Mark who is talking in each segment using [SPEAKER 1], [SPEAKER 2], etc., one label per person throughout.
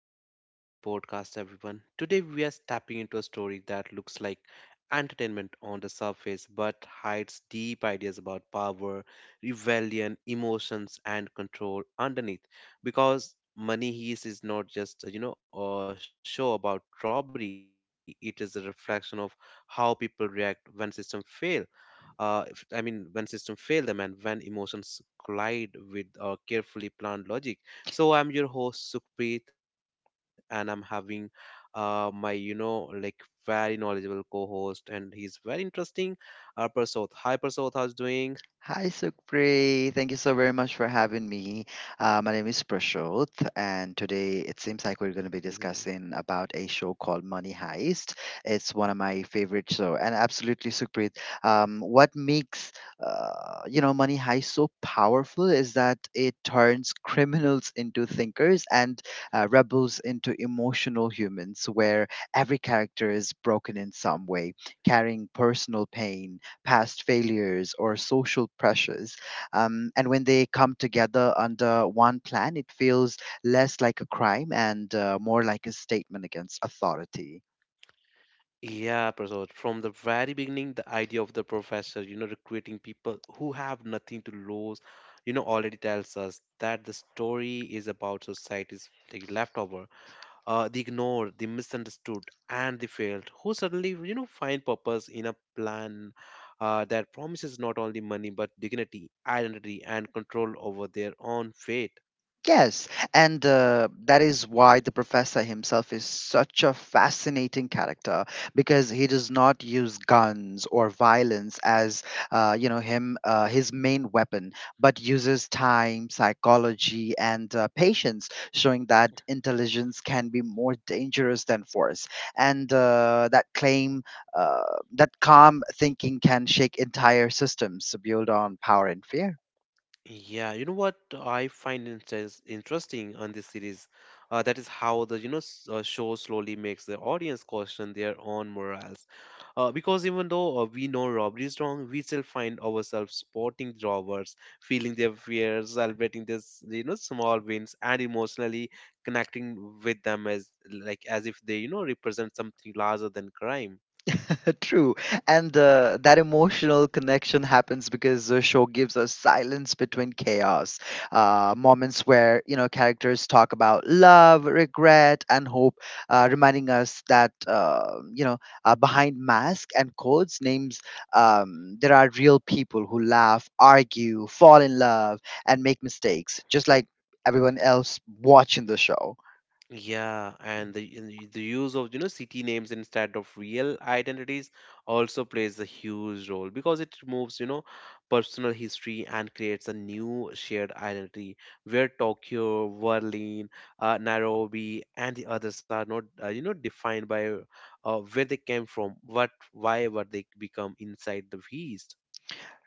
[SPEAKER 1] welcome back to the podcast, everyone. Today we are stepping into a story that looks like entertainment on the surface but hides deep ideas about power, rebellion, emotions, and control underneath. Because Money Heist is not just, a show about robbery, it is a reflection of how people react when systems fail if, I mean, when systems fail them and when emotions collide with carefully planned logic. So I'm your host Sukhpreet, and I'm having my very knowledgeable co-host, and he's very interesting. Prasoth, hi Prasoth, how's doing?
[SPEAKER 2] Hi, Sukhpri. Thank you so very much for having me. My name is Prashant, and today it seems like we're
[SPEAKER 1] Mhm.
[SPEAKER 2] going to be discussing about a show called Money Heist. It's one of my favorite show, and absolutely, Sukhpreet. What makes Money Heist so powerful is that it turns criminals into thinkers and rebels into emotional humans, where every character is broken in some way, carrying personal pain, past failures or social pressures. And when they come together under one plan, it feels less like a crime and more like a statement against authority.
[SPEAKER 1] Yeah, Prasad. From the very beginning, the idea of the professor, recruiting people who have nothing to lose, already tells us that the story is about society's like leftover. The ignored, the misunderstood, and the failed, who suddenly find purpose in a plan that promises not only money but dignity, identity, and control over their own fate.
[SPEAKER 2] Yes, and that is why the professor himself is such a fascinating character because he does not use guns or violence as you know him his main weapon, but uses time, psychology, and patience, showing that intelligence can be more dangerous than force, and uh, that calm thinking can shake entire systems built on power and fear.
[SPEAKER 1] Yeah, you know what I find interesting on this series, that is how the show slowly makes the audience question their own morals. Because even though we know robbery is wrong, we still find ourselves supporting robbers, feeling their fears, celebrating this small wins, and emotionally connecting with them as like as if they represent something larger than crime.
[SPEAKER 2] True. And that emotional connection happens because the show gives us silence between chaos. Moments where, you know, characters talk about love, regret, and hope, reminding us that, behind mask and codes, names, there are real people who laugh, argue, fall in love, and make mistakes, just like everyone else watching the show.
[SPEAKER 1] Yeah, and the use of city names instead of real identities also plays a huge role because it removes personal history and creates a new shared identity where Tokyo, Berlin, Nairobi, and the others are not defined by where they came from, what why were they become inside the East.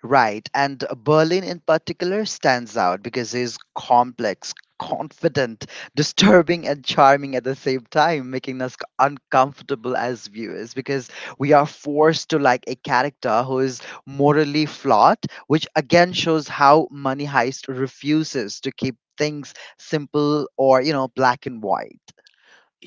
[SPEAKER 2] Right, and Berlin in particular stands out because he's complex, confident, disturbing, and charming at the same time, making us uncomfortable as viewers because we are forced to like a character who is morally flawed, which again shows how Money Heist refuses to keep things simple or, you know, black and white.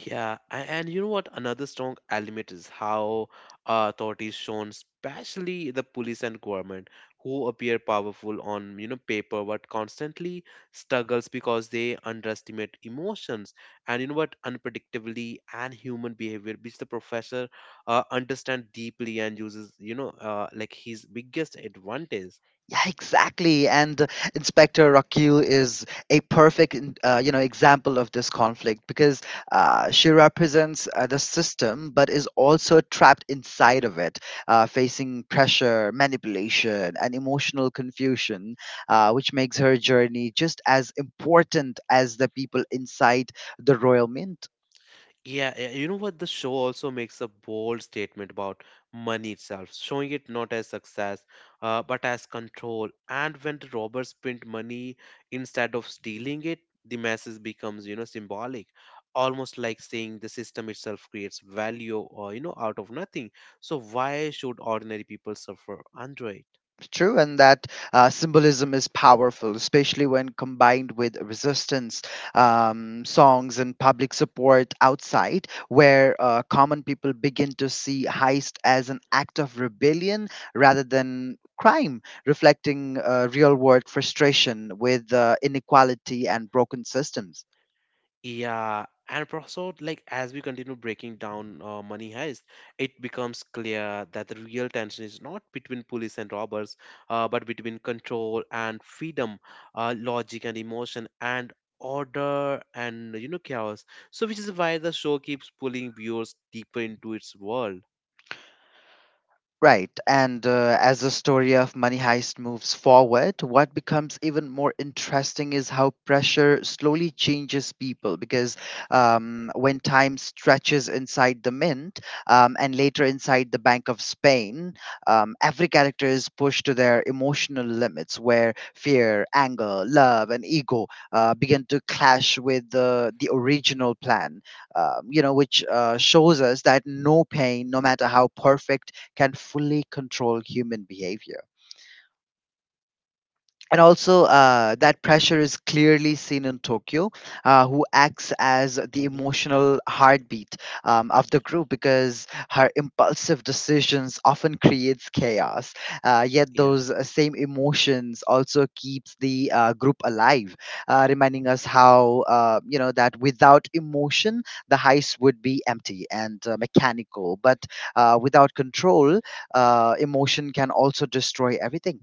[SPEAKER 1] And you know what? Another strong element is how authorities shown, especially the police and government, who appear powerful on paper but constantly struggles because they underestimate emotions and you know what unpredictability and human behavior, which the professor understand deeply and uses his biggest advantage.
[SPEAKER 2] Yeah, exactly. And Inspector Rockwell is a perfect, example of this conflict because she represents the system, but is also trapped inside of it, facing pressure, manipulation, and emotional confusion, which makes her journey just as important as the people inside the royal mint.
[SPEAKER 1] Yeah, you know what? The show also makes a bold statement about money itself, showing it not as success, but as control. And when the robbers print money instead of stealing it, the message becomes, symbolic, almost like saying the system itself creates value, or out of nothing. So why should ordinary people suffer under it?
[SPEAKER 2] True, and that symbolism is powerful, especially when combined with resistance songs and public support outside, where common people begin to see heist as an act of rebellion rather than crime, reflecting real world frustration with inequality and broken systems.
[SPEAKER 1] Yeah, and professor, like as we continue breaking down Money Heist, it becomes clear that the real tension is not between police and robbers, but between control and freedom, logic and emotion, and order and chaos. So, which is why the show keeps pulling viewers deeper into its world.
[SPEAKER 2] Right, and as the story of Money Heist moves forward, what becomes even more interesting is how pressure slowly changes people. Because when time stretches inside the mint and later inside the Bank of Spain, every character is pushed to their emotional limits where fear, anger, love, and ego begin to clash with the original plan, which shows us that no pain, no matter how perfect, can fully control human behavior. And also, that pressure is clearly seen in Tokyo, who acts as the
[SPEAKER 1] Hmm.
[SPEAKER 2] emotional heartbeat of the group because her impulsive decisions often creates chaos, yet
[SPEAKER 1] Yeah.
[SPEAKER 2] those same emotions also keeps the group alive, reminding us how, that without emotion the heist would be empty and mechanical, but without control, emotion can also destroy everything.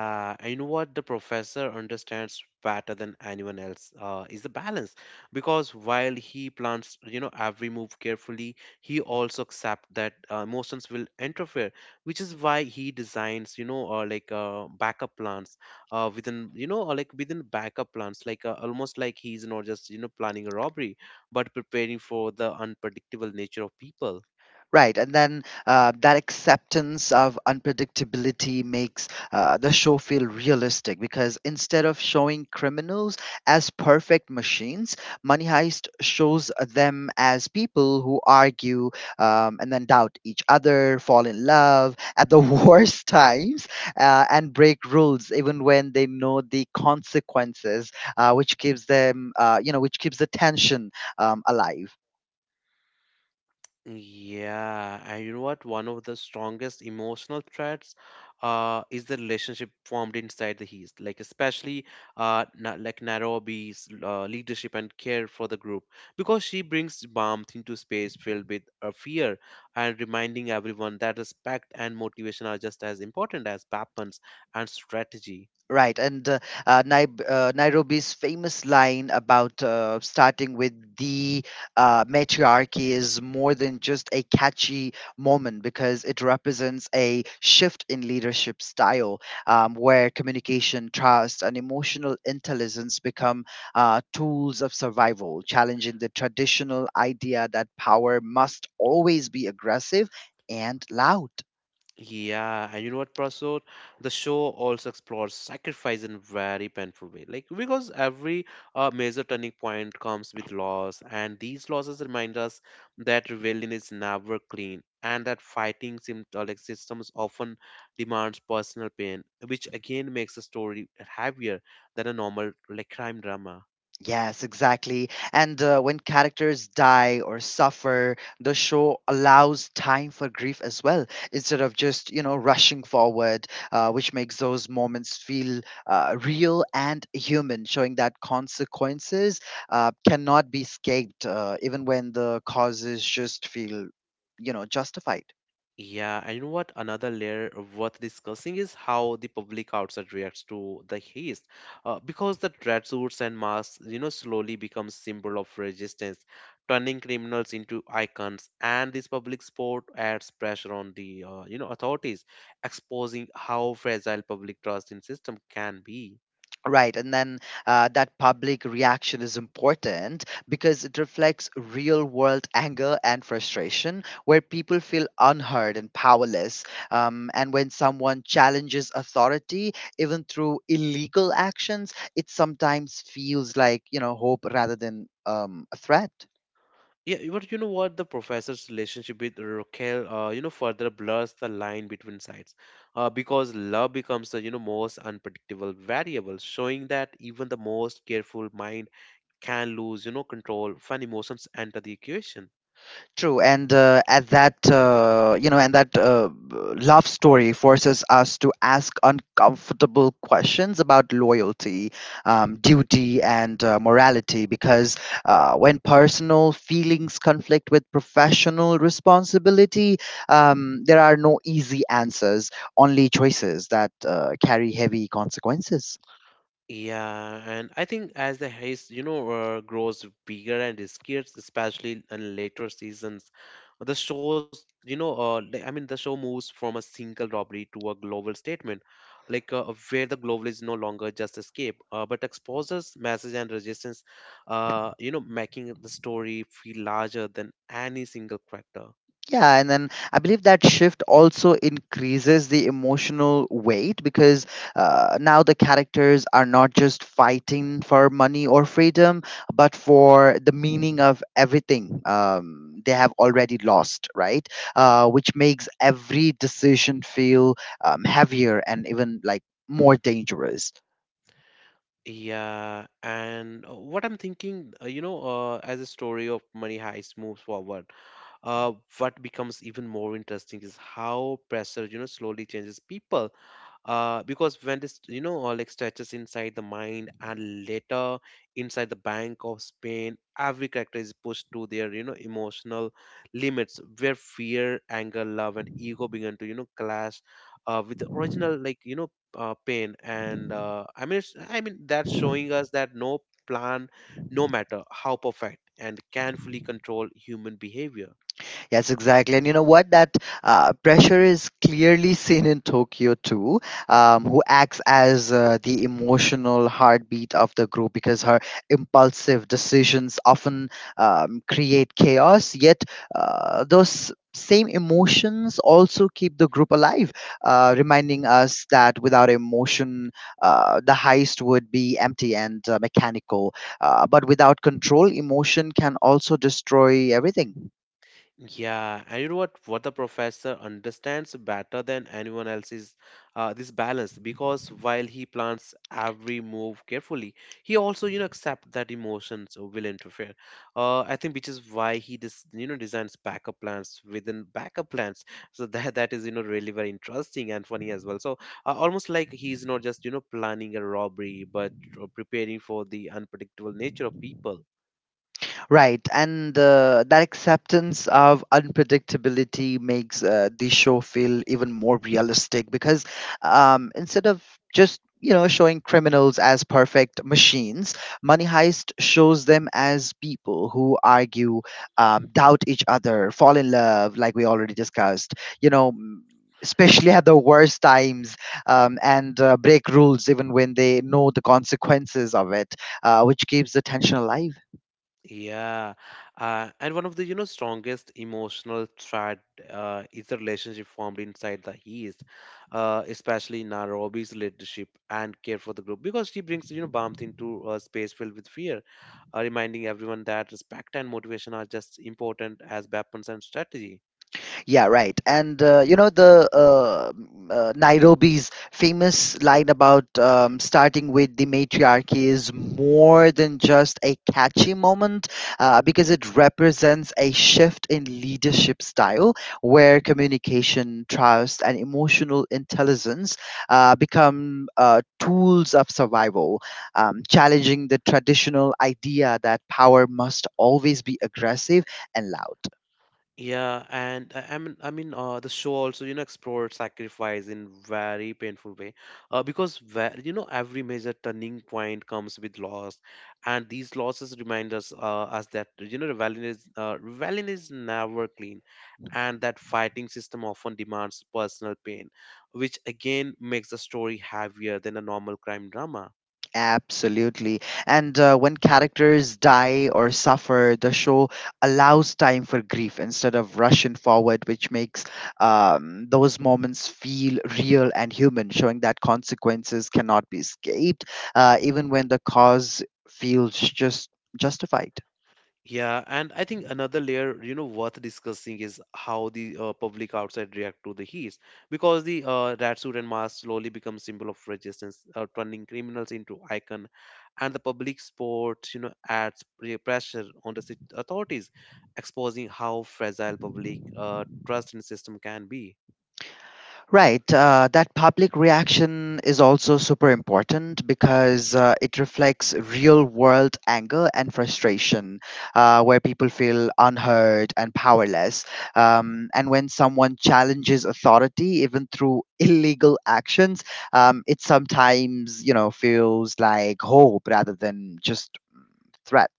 [SPEAKER 2] Europa.
[SPEAKER 1] and you know what the professor understands better than anyone else is the balance, because while he plans, every move carefully, he also accepts that emotions will interfere, which is why he designs, backup plans within, you know, or like within backup plans, almost like he's not just, planning a robbery, but preparing for the unpredictable nature of people.
[SPEAKER 2] Right, and then that acceptance of unpredictability makes the show feel realistic because instead of showing criminals as perfect machines, Money Heist shows them as people who argue, and then doubt each other, fall in love at the worst times, and break rules even when they know the consequences, which keeps them, which keeps the tension alive.
[SPEAKER 1] Yeah, and you know what? One of the strongest emotional threads is the relationship formed inside the East, like especially na like Nairobi's leadership and care for the group, because she brings warmth into space filled with fear and reminding everyone that respect and motivation are just as important as weapons and strategy.
[SPEAKER 2] Right, and Nairobi's famous line about starting with the matriarchy is more than just a catchy moment because it represents a shift in leadership style where communication, trust, and emotional intelligence become tools of survival, challenging the traditional idea that power must always be aggressive and loud.
[SPEAKER 1] Yeah, and you know what, Prasur? The show also explores sacrifice in a very painful way. Like because every major turning point comes with loss, and these losses remind us that rebellion is never clean, and that fighting systems often demands personal pain, which again makes the story heavier than a normal like crime drama.
[SPEAKER 2] Yes, exactly. And when characters die or suffer, the show allows time for grief as well, instead of just, you know, rushing forward, which makes those moments feel real and human, showing that consequences cannot be escaped, even when the causes just feel, you know, justified.
[SPEAKER 1] Yeah, and you know what? Another layer worth discussing is how the public outside reacts to the haste. Because the dreadsuits and masks, slowly become symbol of resistance, turning criminals into icons. And this public sport adds pressure on the, authorities, exposing how fragile public trust in system can be.
[SPEAKER 2] Right, and then that public reaction is important because it reflects real world anger and frustration where people feel unheard and powerless. And when someone challenges authority, even through illegal actions, it sometimes feels like, you know, hope rather than a threat.
[SPEAKER 1] Yeah, but you know what? The professor's relationship with Raquel, further blurs the line between sides, because love becomes the most unpredictable variable, showing that even the most careful mind can lose control when emotions enter the equation.
[SPEAKER 2] True, and at that, you know, and that love story forces us to ask uncomfortable questions about loyalty, duty, and morality. Because when personal feelings conflict with professional responsibility, there are no easy answers, only choices that carry heavy consequences.
[SPEAKER 1] Yeah, and I think as the haze, grows bigger and riskier, especially in later seasons, the shows, you know, li- I mean, the show moves from a single robbery to a global statement, like uh, where the global is no longer just escape, but exposes message and resistance, making the story feel larger than any single character.
[SPEAKER 2] Yeah, and then I believe that shift also increases the emotional weight because now the characters are not just fighting for money or freedom, but for the meaning of everything they have already lost, right? Which makes every decision feel heavier and even like more dangerous.
[SPEAKER 1] Yeah, and what I'm thinking, as the story of Money Heist moves forward uh, what becomes even more interesting is how pressure slowly changes people because when this you know all like stretches inside the mind and later inside the bank of Spain, every character is pushed to their emotional limits where fear, anger, love, and ego begin to clash with the original pain, and I mean it's, I mean that's showing us that no plan, no matter how perfect, and can fully control human behavior.
[SPEAKER 2] Yes, exactly. And you know what? That pressure is clearly seen in Tokyo too, who acts as the emotional heartbeat of the group because her impulsive decisions often create chaos, yet, those same emotions also keep the group alive, reminding us that without emotion, the heist would be empty and mechanical. But without control, emotion can also destroy everything.
[SPEAKER 1] Yeah, and you know what? What the professor understands better than anyone else is this balance because while he plans every move carefully, he also accepts that emotions will interfere. I think which is why he dis you know designs backup plans within backup plans. So that that is really very interesting and funny as well. So almost like he's not just planning a robbery, but preparing for the unpredictable nature of people.
[SPEAKER 2] Right, and that acceptance of unpredictability makes the show feel even more realistic because instead of just showing criminals as perfect machines, Money Heist shows them as people who argue, doubt each other, fall in love, like we already discussed. You know. Especially at the worst times, and break rules even when they know the consequences of it, which keeps the tension alive.
[SPEAKER 1] Yeah, and one of the strongest emotional thread is the relationship formed inside the East, especially Nairobi's leadership and care for the group because she brings warmth into a space filled with fear, reminding everyone that respect and motivation are just important as weapons and strategy.
[SPEAKER 2] Yeah, right. And Nairobi's famous line about starting with the matriarchy is more than just a catchy moment because it represents a shift in leadership style where communication, trust, and emotional intelligence become tools of survival, challenging the traditional idea that power must always be aggressive and loud.
[SPEAKER 1] Yeah, and the show also, explored sacrifice in very painful way, because where, every major turning point comes with loss, and these losses remind us, us that rebellion is never clean, and that fighting system often demands personal pain, which again makes the story heavier than a normal crime drama.
[SPEAKER 2] Absolutely. And when characters die or suffer, the show allows time for grief instead of rushing forward, which makes those moments feel real and human, showing that consequences cannot be escaped, even when the cause feels justified.
[SPEAKER 1] Yeah, and I think another layer, worth discussing is how the public outside react to the heat, because the rat suit and mask slowly become symbol of resistance, turning criminals into icon, and the public sport, adds pressure on the authorities, exposing how fragile public trust in system can be.
[SPEAKER 2] Right. That public reaction is also super important because it reflects real world anger and frustration, where people feel unheard and powerless. And when someone challenges authority, even through illegal actions, it sometimes, you know, feels like hope rather than just threat.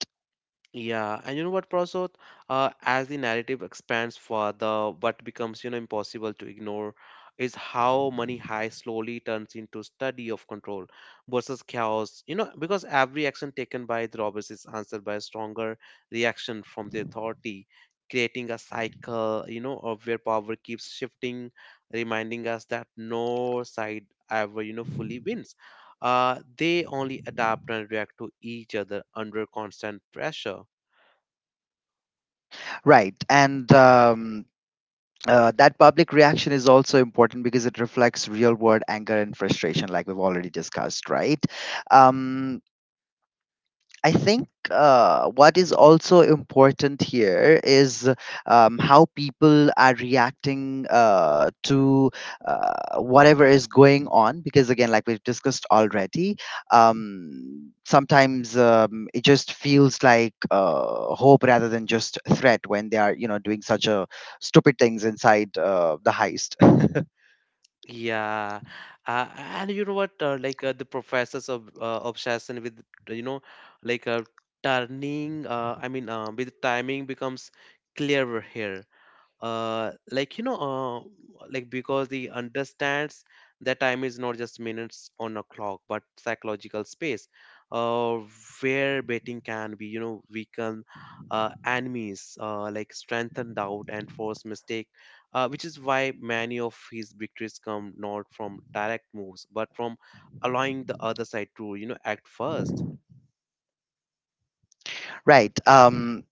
[SPEAKER 1] Yeah, and you know what, Prasad? As the narrative expands further, what becomes, impossible to ignore is how money high slowly turns into study of control versus chaos. You know, because every action taken by the robbers is answered by a stronger reaction from the authority, creating a cycle, of where power keeps shifting, reminding us that no side ever, fully wins. They only adapt and react to each other under constant pressure.
[SPEAKER 2] Right. And that public reaction is also important because it reflects real world anger and frustration like we've already discussed, right? um, I think what is
[SPEAKER 1] Mhm.
[SPEAKER 2] also important here is how people are reacting to whatever is going on. Because again, like we've discussed already, sometimes it just feels like hope rather than just threat when they are, you know, doing such a stupid things inside the heist.
[SPEAKER 1] Yeah, and you know what? The professor's ob obsession with you know, like turning. I mean, with timing becomes clearer here uh, like you know because he understands that time is not just minutes on a clock but psychological space, uh, where betting can be weaken enemies, strengthen doubt and force mistake, which is why many of his victories come not from direct moves but from allowing the other side to act 1st.
[SPEAKER 2] Right?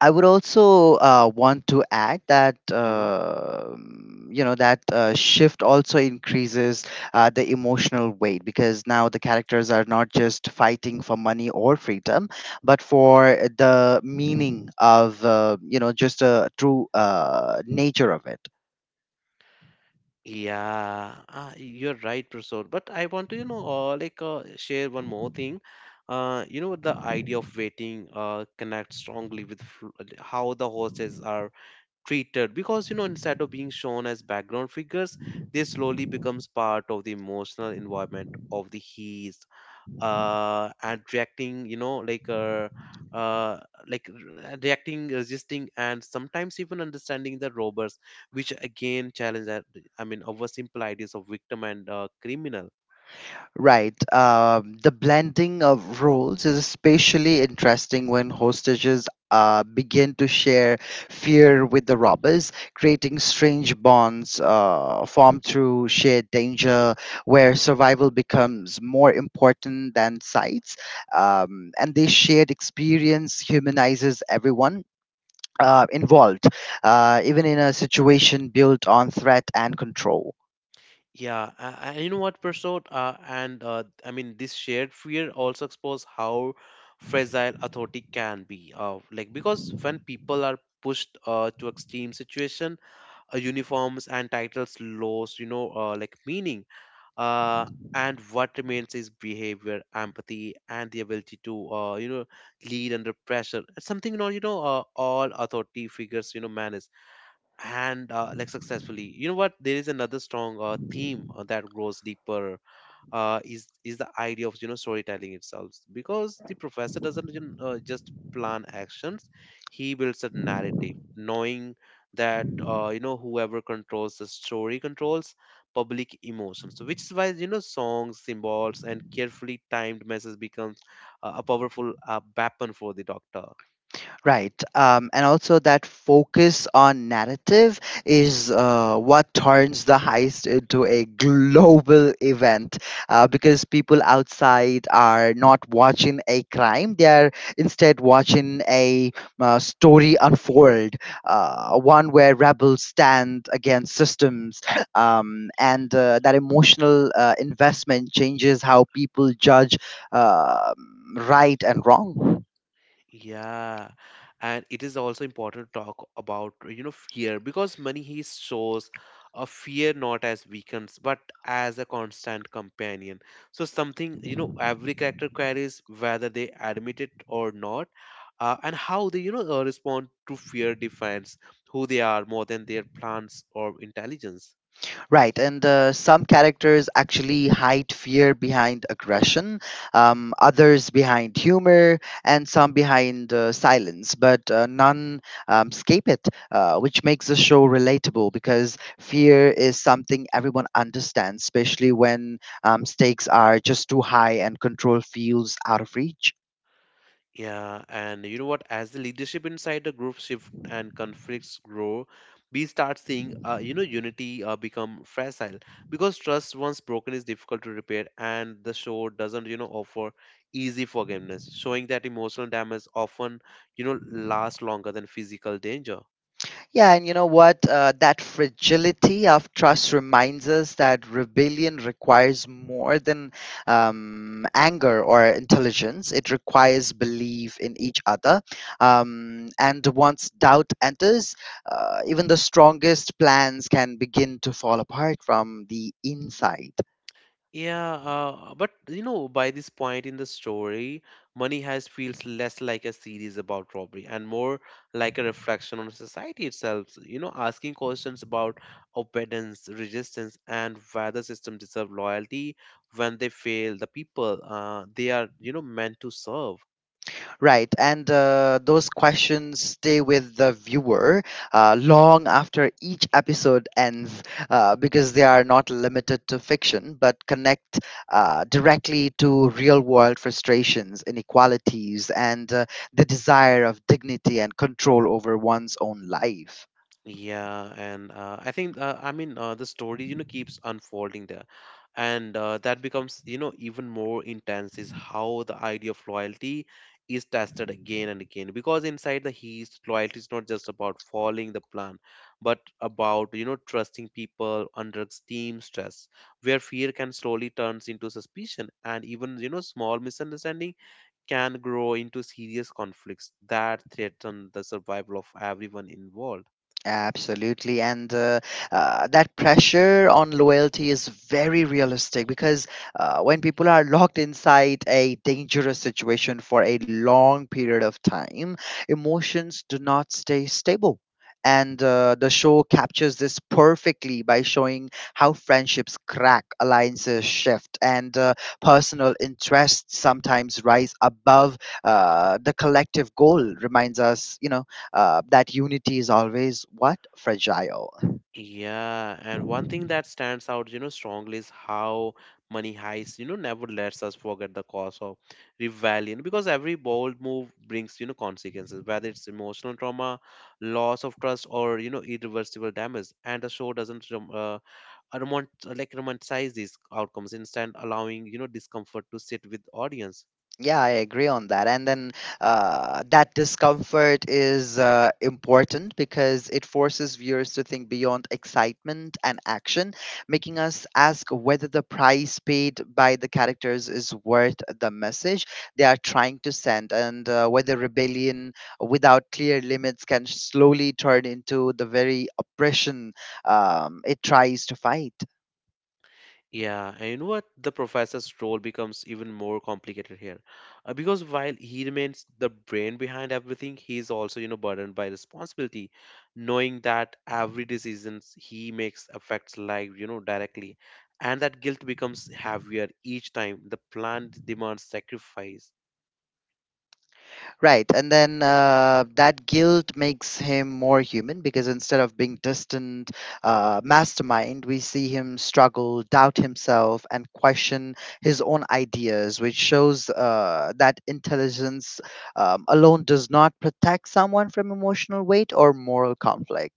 [SPEAKER 2] I would also want to add that you know that shift also increases the emotional weight because now the characters are not just fighting for money or freedom, but for the meaning of, just a true nature of it.
[SPEAKER 1] Yeah, you're right, Prasad. But I want to, share one more thing. The idea of waiting connects strongly with how the horses are treated because, instead of being shown as background figures, they slowly becomes part of the emotional environment of the heat and reacting uh, reacting, resisting, and sometimes even understanding the robbers, which again challenge that our simple ideas of victim and criminal.
[SPEAKER 2] Right. The blending of roles is especially interesting when hostages begin to share fear with the robbers, creating strange bonds formed through shared danger, where survival becomes more important than sites. And this shared experience humanizes everyone involved, even in a situation built on threat and control.
[SPEAKER 1] And you know what, Prasad? And I mean this shared fear also exposes how fragile authority can be, because when people are pushed to extreme situation, uniforms and titles lose, you know, meaning uh, and what remains is behavior empathy and the ability to, you know, lead under pressure. It's something, you know, all authority figures, you know, manage and successfully. You know what? There is another strong theme that grows deeper, is the idea of, you know, storytelling itself, because the professor doesn't, you know, just plan actions. He builds a narrative, knowing that, you know, whoever controls the story controls public emotions. So which is why, you know, songs, symbols and carefully timed message becomes a powerful weapon for the doctor.
[SPEAKER 2] Right. And also, that focus on narrative is what turns the heist into a global event because people outside are not watching a crime, they are instead watching a story unfold, one where rebels stand against systems. And that emotional investment changes how people judge uh, right and wrong.
[SPEAKER 1] Yeah, and it is also important to talk about, you know, fear, because money he shows a fear not as weakens but as a constant companion. So something, you know, every character carries whether they admit it or not, and how they, you know, respond to fear defines who they are more than their plans or intelligence.
[SPEAKER 2] Right, and some characters actually hide fear behind aggression, others behind humor, and some behind silence, but none escape it, which makes the show relatable because fear is something everyone understands, especially when stakes are just too high and control feels out of reach.
[SPEAKER 1] Yeah, and you know what? As the leadership inside the group shift and conflicts grow, we start seeing, you know, unity become fragile, because trust once broken is difficult to repair, and the show doesn't, you know, offer easy forgiveness, showing that emotional damage often, you know, lasts longer than physical danger.
[SPEAKER 2] Yeah, and you know what? That fragility of trust reminds us that rebellion requires more than anger or intelligence. It requires belief in each other. And once doubt enters, even the strongest plans can begin to fall apart from the inside.
[SPEAKER 1] Yeah, but you know, by this point in the story, Money Heist feels less like a series about robbery and more like a reflection on society itself. So, you know, asking questions about obedience, resistance, and whether systems deserve loyalty when they fail the people they are, you know, meant to serve.
[SPEAKER 2] Right, and those questions stay with the viewer long after each episode ends because they are not limited to fiction but connect directly to real world frustrations, inequalities, and the desire of dignity and control over one's own life.
[SPEAKER 1] Yeah, and I think the story, you know, keeps unfolding there, and that becomes, you know, even more intense is how the idea of loyalty is tested again and again, because inside the East, loyalty is not just about following the plan, but about, you know, trusting people under extreme stress, where fear can slowly turns into suspicion, and even, you know, small misunderstanding can grow into serious conflicts that threaten the survival of everyone involved.
[SPEAKER 2] Absolutely. And That pressure on loyalty is very realistic because when people are locked inside a dangerous situation for a long period of time, emotions do not stay stable. And the show captures this perfectly by showing how friendships crack, alliances shift, and personal interests sometimes rise above the collective goal, reminds us, that unity is always what fragile.
[SPEAKER 1] Yeah, and one thing that stands out, you know, strongly is how Money Heist, you know, never lets us forget the cost of rebellion, because every bold move brings, you know, consequences, whether it's emotional trauma, loss of trust, or, you know, irreversible damage. And the show doesn't romanticize these outcomes, instead allowing, you know, discomfort to sit with audience.
[SPEAKER 2] Yeah, I agree on that. And then that discomfort is important because it forces viewers to think beyond excitement and action, making us ask whether the price paid by the characters is worth the message they are trying to send, and whether rebellion without clear limits can slowly turn into the very oppression it tries to fight.
[SPEAKER 1] Yeah, and you know what? The professor's role becomes even more complicated here, because while he remains the brain behind everything, he is also, you know, burdened by responsibility, knowing that every decision he makes affects life, you know, directly, and that guilt becomes heavier each time the plan demands sacrifice.
[SPEAKER 2] Right. And then that guilt makes him more human because instead of being distant mastermind, we see him struggle, doubt himself, and question his own ideas, which shows that intelligence alone does not protect someone from emotional weight or moral conflict.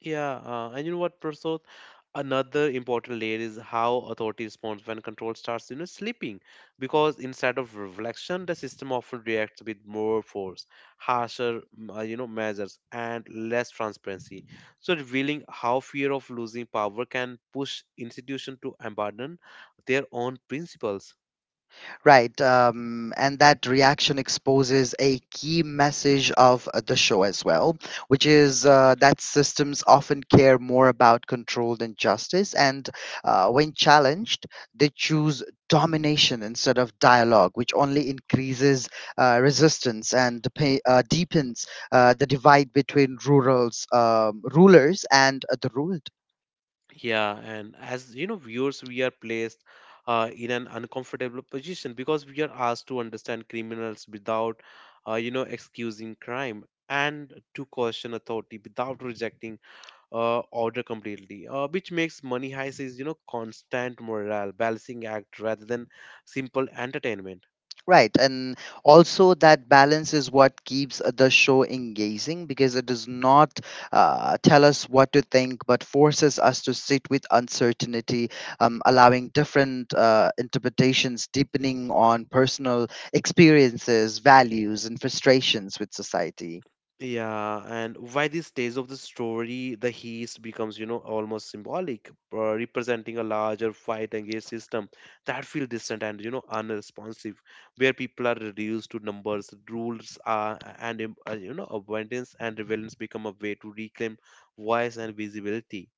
[SPEAKER 1] Yeah, and you know what, Prasad? Another important layer is how authority responds when control starts, you know, slipping. Because instead of reflection, the system often reacts with more force, harsher, you know, measures, and less transparency. So revealing how fear of losing power can push institutions to abandon their own principles.
[SPEAKER 2] Right. And that reaction exposes a key message of the show as well, which is that systems often care more about control than justice. And when challenged, they choose domination instead of dialogue, which only increases resistance and deepens the divide between rulers and the ruled.
[SPEAKER 1] Yeah, and as you know, viewers, we are placed in an uncomfortable position, because we are asked to understand criminals without, you know, excusing crime, and to question authority without rejecting order completely, which makes Money Heist is, you know, constant morale, balancing act rather than simple entertainment.
[SPEAKER 2] Right. And also, that balance is what keeps the show engaging because it does not tell us what to think, but forces us to sit with uncertainty, allowing different interpretations, deepening on personal experiences, values, and frustrations with society.
[SPEAKER 1] Yeah, and by this stage of the story, the heist becomes, you know, almost symbolic, representing a larger fight against system that feel distant and, you know, unresponsive, where people are reduced to numbers, rules are, and, you know, abundance and relevance become a way to reclaim voice and visibility.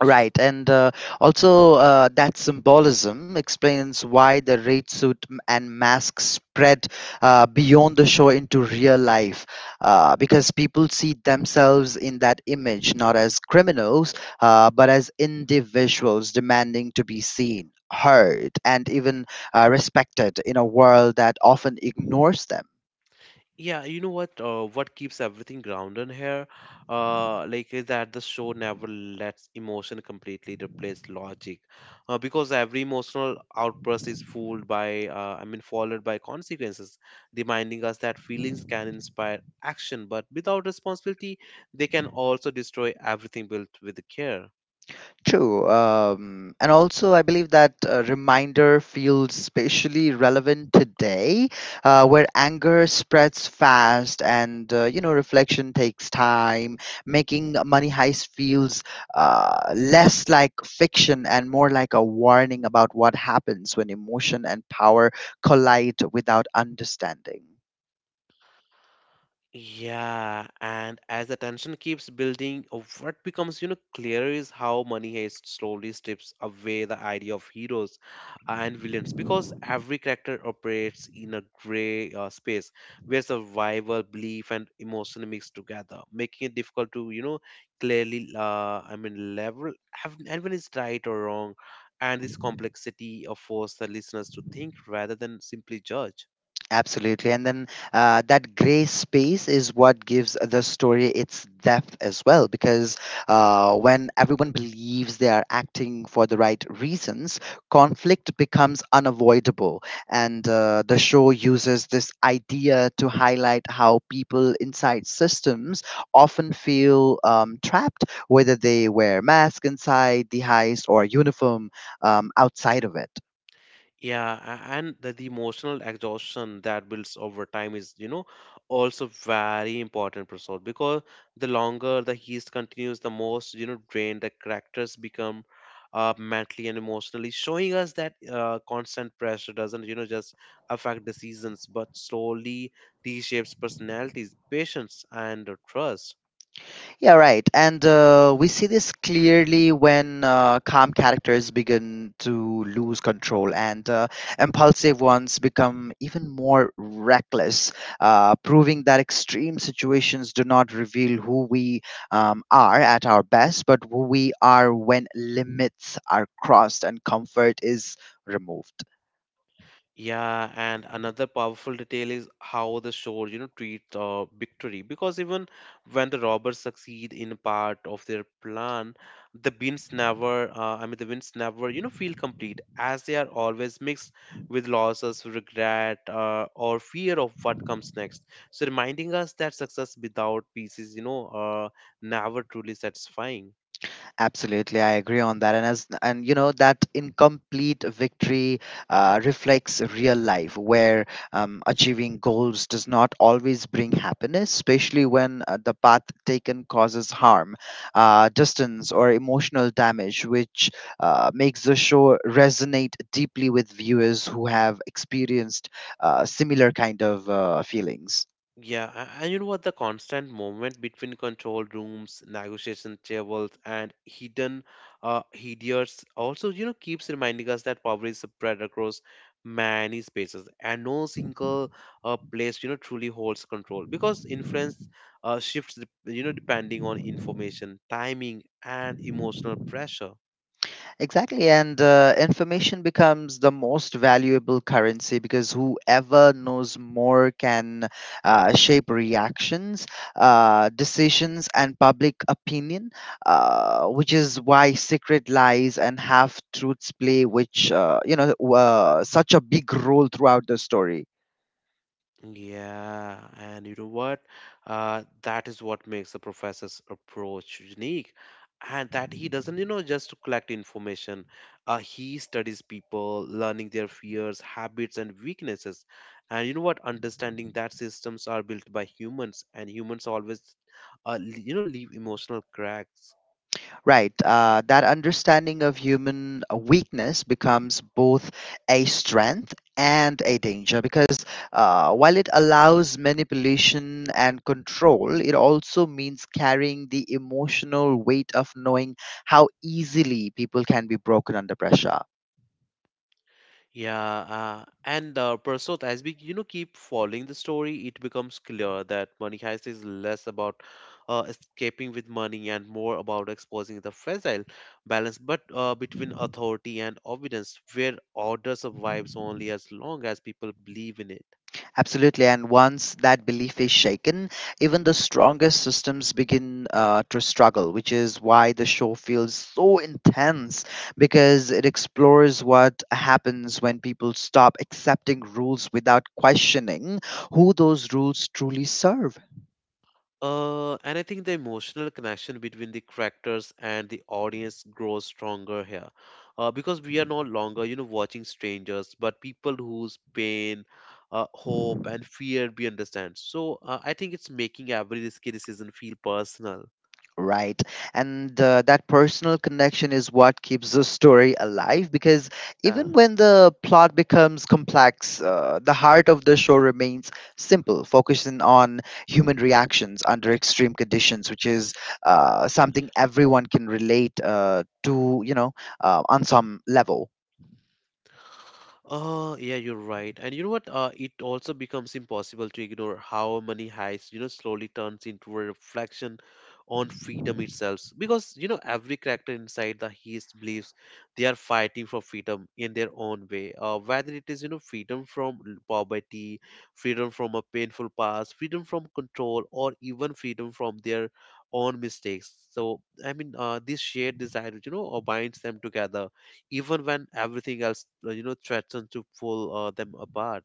[SPEAKER 2] Right, and also that symbolism explains why the raid suit and mask spread beyond the show into real life, because people see themselves in that image not as criminals, but as individuals demanding to be seen, heard, and even respected in a world that often ignores them.
[SPEAKER 1] Yeah, you know what? What keeps everything grounded here, is that the show never lets emotion completely replace logic, because every emotional outburst is fooled by, I mean, followed by consequences, reminding us that feelings can inspire action, but without responsibility, they can also destroy everything built with care.
[SPEAKER 2] True. And also, I believe that reminder feels especially relevant today, where anger spreads fast and, reflection takes time, making Money Heist feels less like fiction and more like a warning about what happens when emotion and power collide without understanding.
[SPEAKER 1] Yeah, and as the tension keeps building, what becomes, you know, clear is how money heist slowly strips away the idea of heroes and villains, because every character operates in a gray space where survival, belief, and emotion mix together, making it difficult to, you know, clearly, level have anyone is right or wrong, and this complexity forces the listeners to think rather than simply judge.
[SPEAKER 2] Absolutely. And then that gray space is what gives the story its depth as well, because when everyone believes they are acting for the right reasons, conflict becomes unavoidable. And the show uses this idea to highlight how people inside systems often feel trapped, whether they wear masks inside the heist or uniform outside of it.
[SPEAKER 1] Yeah, and the emotional exhaustion that builds over time is, you know, also very important, Prasad, because the longer the heist continues, the most, you know, drained the characters become, mentally and emotionally, showing us that constant pressure doesn't, you know, just affect decisions, but slowly reshapes personalities, patience, and trust.
[SPEAKER 2] Yeah, right. And we see this clearly when calm characters begin to lose control and impulsive ones become even more reckless, proving that extreme situations do not reveal who we are at our best, but who we are when limits are crossed and comfort is removed.
[SPEAKER 1] Yeah, and another powerful detail is how the show, you know, treats victory. Because even when the robbers succeed in part of their plan, the wins never, you know, feel complete, as they are always mixed with losses, regret, or fear of what comes next. So reminding us that success without peace is, you know, never truly satisfying.
[SPEAKER 2] Absolutely, I agree on that. And you know that incomplete victory reflects real life, where achieving goals does not always bring happiness, especially when the path taken causes harm, distance, or emotional damage, which makes the show resonate deeply with viewers who have experienced similar kind of feelings.
[SPEAKER 1] Yeah, and you know what? The constant movement between control rooms, negotiation tables, and hidden hideous also, you know, keeps reminding us that power is spread across many spaces, and no single place, you know, truly holds control, because influence shifts, you know, depending on information, timing, and emotional pressure.
[SPEAKER 2] Exactly, and information becomes the most valuable currency because whoever knows more can shape reactions, decisions, and public opinion, which is why secret lies and half truths play, such a big role throughout the story.
[SPEAKER 1] Yeah, and you know what? That is what makes the professor's approach unique, and that he doesn't, you know, just collect information. He studies people, learning their fears, habits, and weaknesses. And you know what? Understanding that systems are built by humans, and humans always, you know, leave emotional cracks.
[SPEAKER 2] Right. That understanding of human weakness becomes both a strength and a danger because while it allows manipulation and control, it also means carrying the emotional weight of knowing how easily people can be broken under pressure.
[SPEAKER 1] Yeah, and Prasad, as we, you know, keep following the story, it becomes clear that Money Heist is less about escaping with money and more about exposing the fragile balance, but between authority and obedience, where order survives only as long as people believe in it.
[SPEAKER 2] Absolutely. And once that belief is shaken, even the strongest systems begin to struggle, which is why the show feels so intense because it explores what happens when people stop accepting rules without questioning who those rules truly serve.
[SPEAKER 1] And I think the emotional connection between the characters and the audience grows stronger here, because we are no longer, you know, watching strangers, but people whose pain, hope, and fear we understand. So I think it's making every risky decision feel personal.
[SPEAKER 2] Right, and that personal connection is what keeps the story alive because
[SPEAKER 1] Yeah.
[SPEAKER 2] even when the plot becomes complex the heart of the show remains simple, focusing on human reactions under extreme conditions, which is something everyone can relate to, you know, on some level.
[SPEAKER 1] Oh, yeah, you're right. And you know what? It also becomes impossible to ignore how money heist, you know, slowly turns into a reflection on freedom itself. Because, you know, every character inside the heist believes they are fighting for freedom in their own way. Whether it is, you know, poverty, freedom from a painful past, freedom from control, or even freedom from their own mistakes. So, this shared desire, you know, binds them together even when everything else, you know, threatens to pull them apart.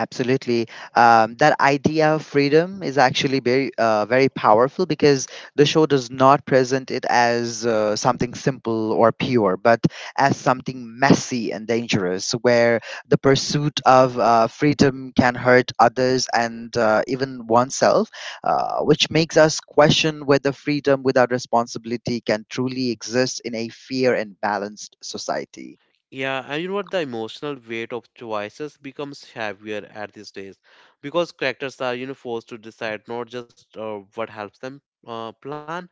[SPEAKER 2] Absolutely. That idea of freedom is actually very powerful because the show does not present it as something simple or pure, but as something messy and dangerous, where the pursuit of freedom can hurt others and even oneself, which makes us question whether freedom without responsibility can truly exist in a fair and balanced society.
[SPEAKER 1] Yeah, and you know what? The emotional weight of choices becomes heavier at these days, because characters are, you know, forced to decide not just what helps them plan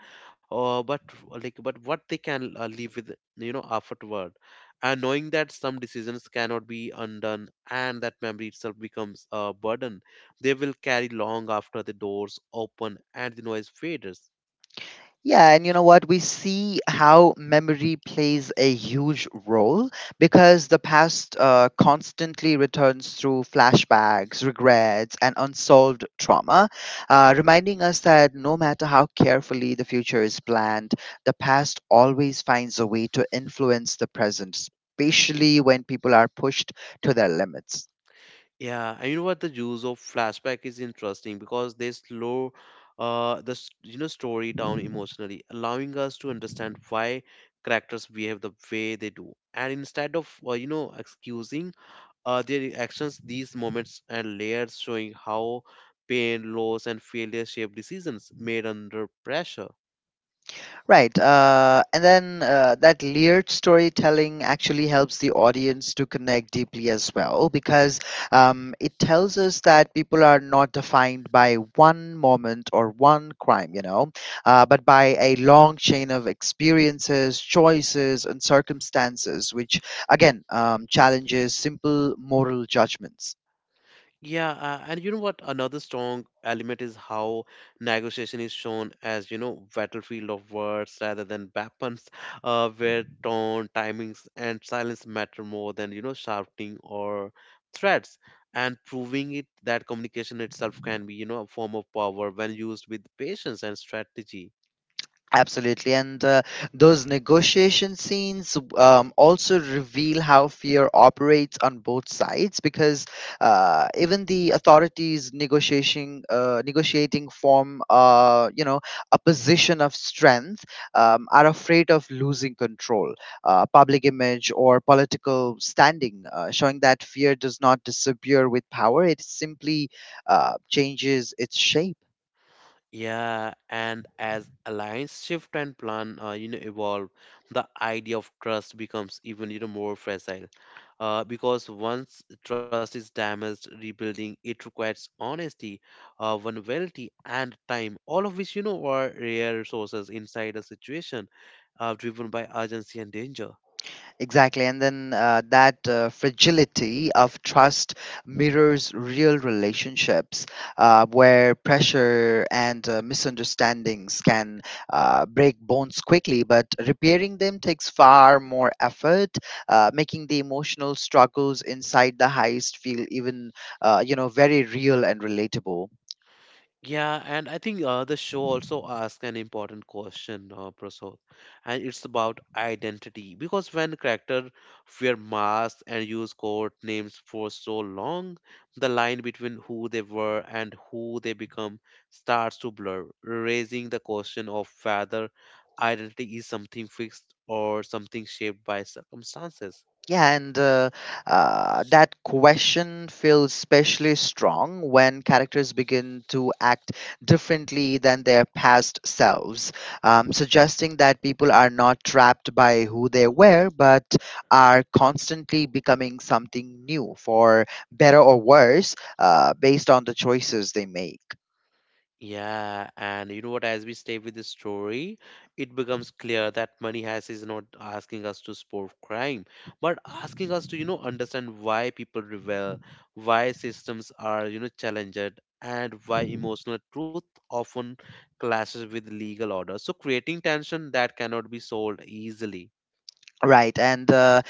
[SPEAKER 1] uh, but but what they can, live with, you know, afterward, and knowing that some decisions cannot be undone, and that memory itself becomes a burden they will carry long after the doors open and the noise fades.
[SPEAKER 2] Yeah, and you know what? We see how memory plays a huge role because the past constantly returns through flashbacks, regrets, and unsolved trauma, reminding us that no matter how carefully the future is planned, the past always finds a way to influence the present, especially when people are pushed to their limits.
[SPEAKER 1] Yeah, and you know what? The use of flashback is interesting, because they slow you know, story down emotionally, allowing us to understand why characters behave the way they do. And instead of, you know, excusing their actions, these moments and layers showing how pain, loss, and failure shape decisions made under pressure.
[SPEAKER 2] Right. And then That layered storytelling actually helps the audience to connect deeply as well because it tells us that people are not defined by one moment or one crime, you know, but by a long chain of experiences, choices, and circumstances, which again challenges simple moral judgments.
[SPEAKER 1] Yeah, and you know what? Another strong element is how negotiation is shown as, you know, battlefield of words rather than weapons, where tone, timings, and silence matter more than, you know, shouting or threats. And proving it that communication itself can be, you know, a form of power when used with patience and strategy.
[SPEAKER 2] Absolutely. And those negotiation scenes also reveal how fear operates on both sides because even the authorities negotiating form, a position of strength are afraid of losing control, public image or political standing, showing that fear does not disappear with power. It simply changes its shape.
[SPEAKER 1] Yeah, and as alliance shift and plan, you know, evolve, the idea of trust becomes even, you know, more fragile. Because once trust is damaged, rebuilding it requires honesty, vulnerability, and time, all of which, you know, are rare resources inside a situation, driven by urgency and danger.
[SPEAKER 2] Exactly. And then that fragility of trust mirrors real relationships where pressure and misunderstandings can break bonds quickly, but repairing them takes far more effort, making the emotional struggles inside the heist feel even, very real and relatable.
[SPEAKER 1] Yeah, and I think the show also asks an important question, Prasad, and it's about identity. Because when characters wear masks and use code names for so long, the line between who they were and who they become starts to blur, raising the question of whether identity is something fixed or something shaped by circumstances.
[SPEAKER 2] Yeah, and that question feels especially strong when characters begin to act differently than their past selves, suggesting that people are not trapped by who they were, but are constantly becoming something new, for better or worse, based on the choices they make.
[SPEAKER 1] Yeah, and you know what? As we stay with the story, it becomes clear that Money Heist is not asking us to support crime, but asking us to, understand why people rebel, why systems are, challenged, and why emotional truth often clashes with legal order. So creating tension that cannot be solved easily.
[SPEAKER 2] Right, and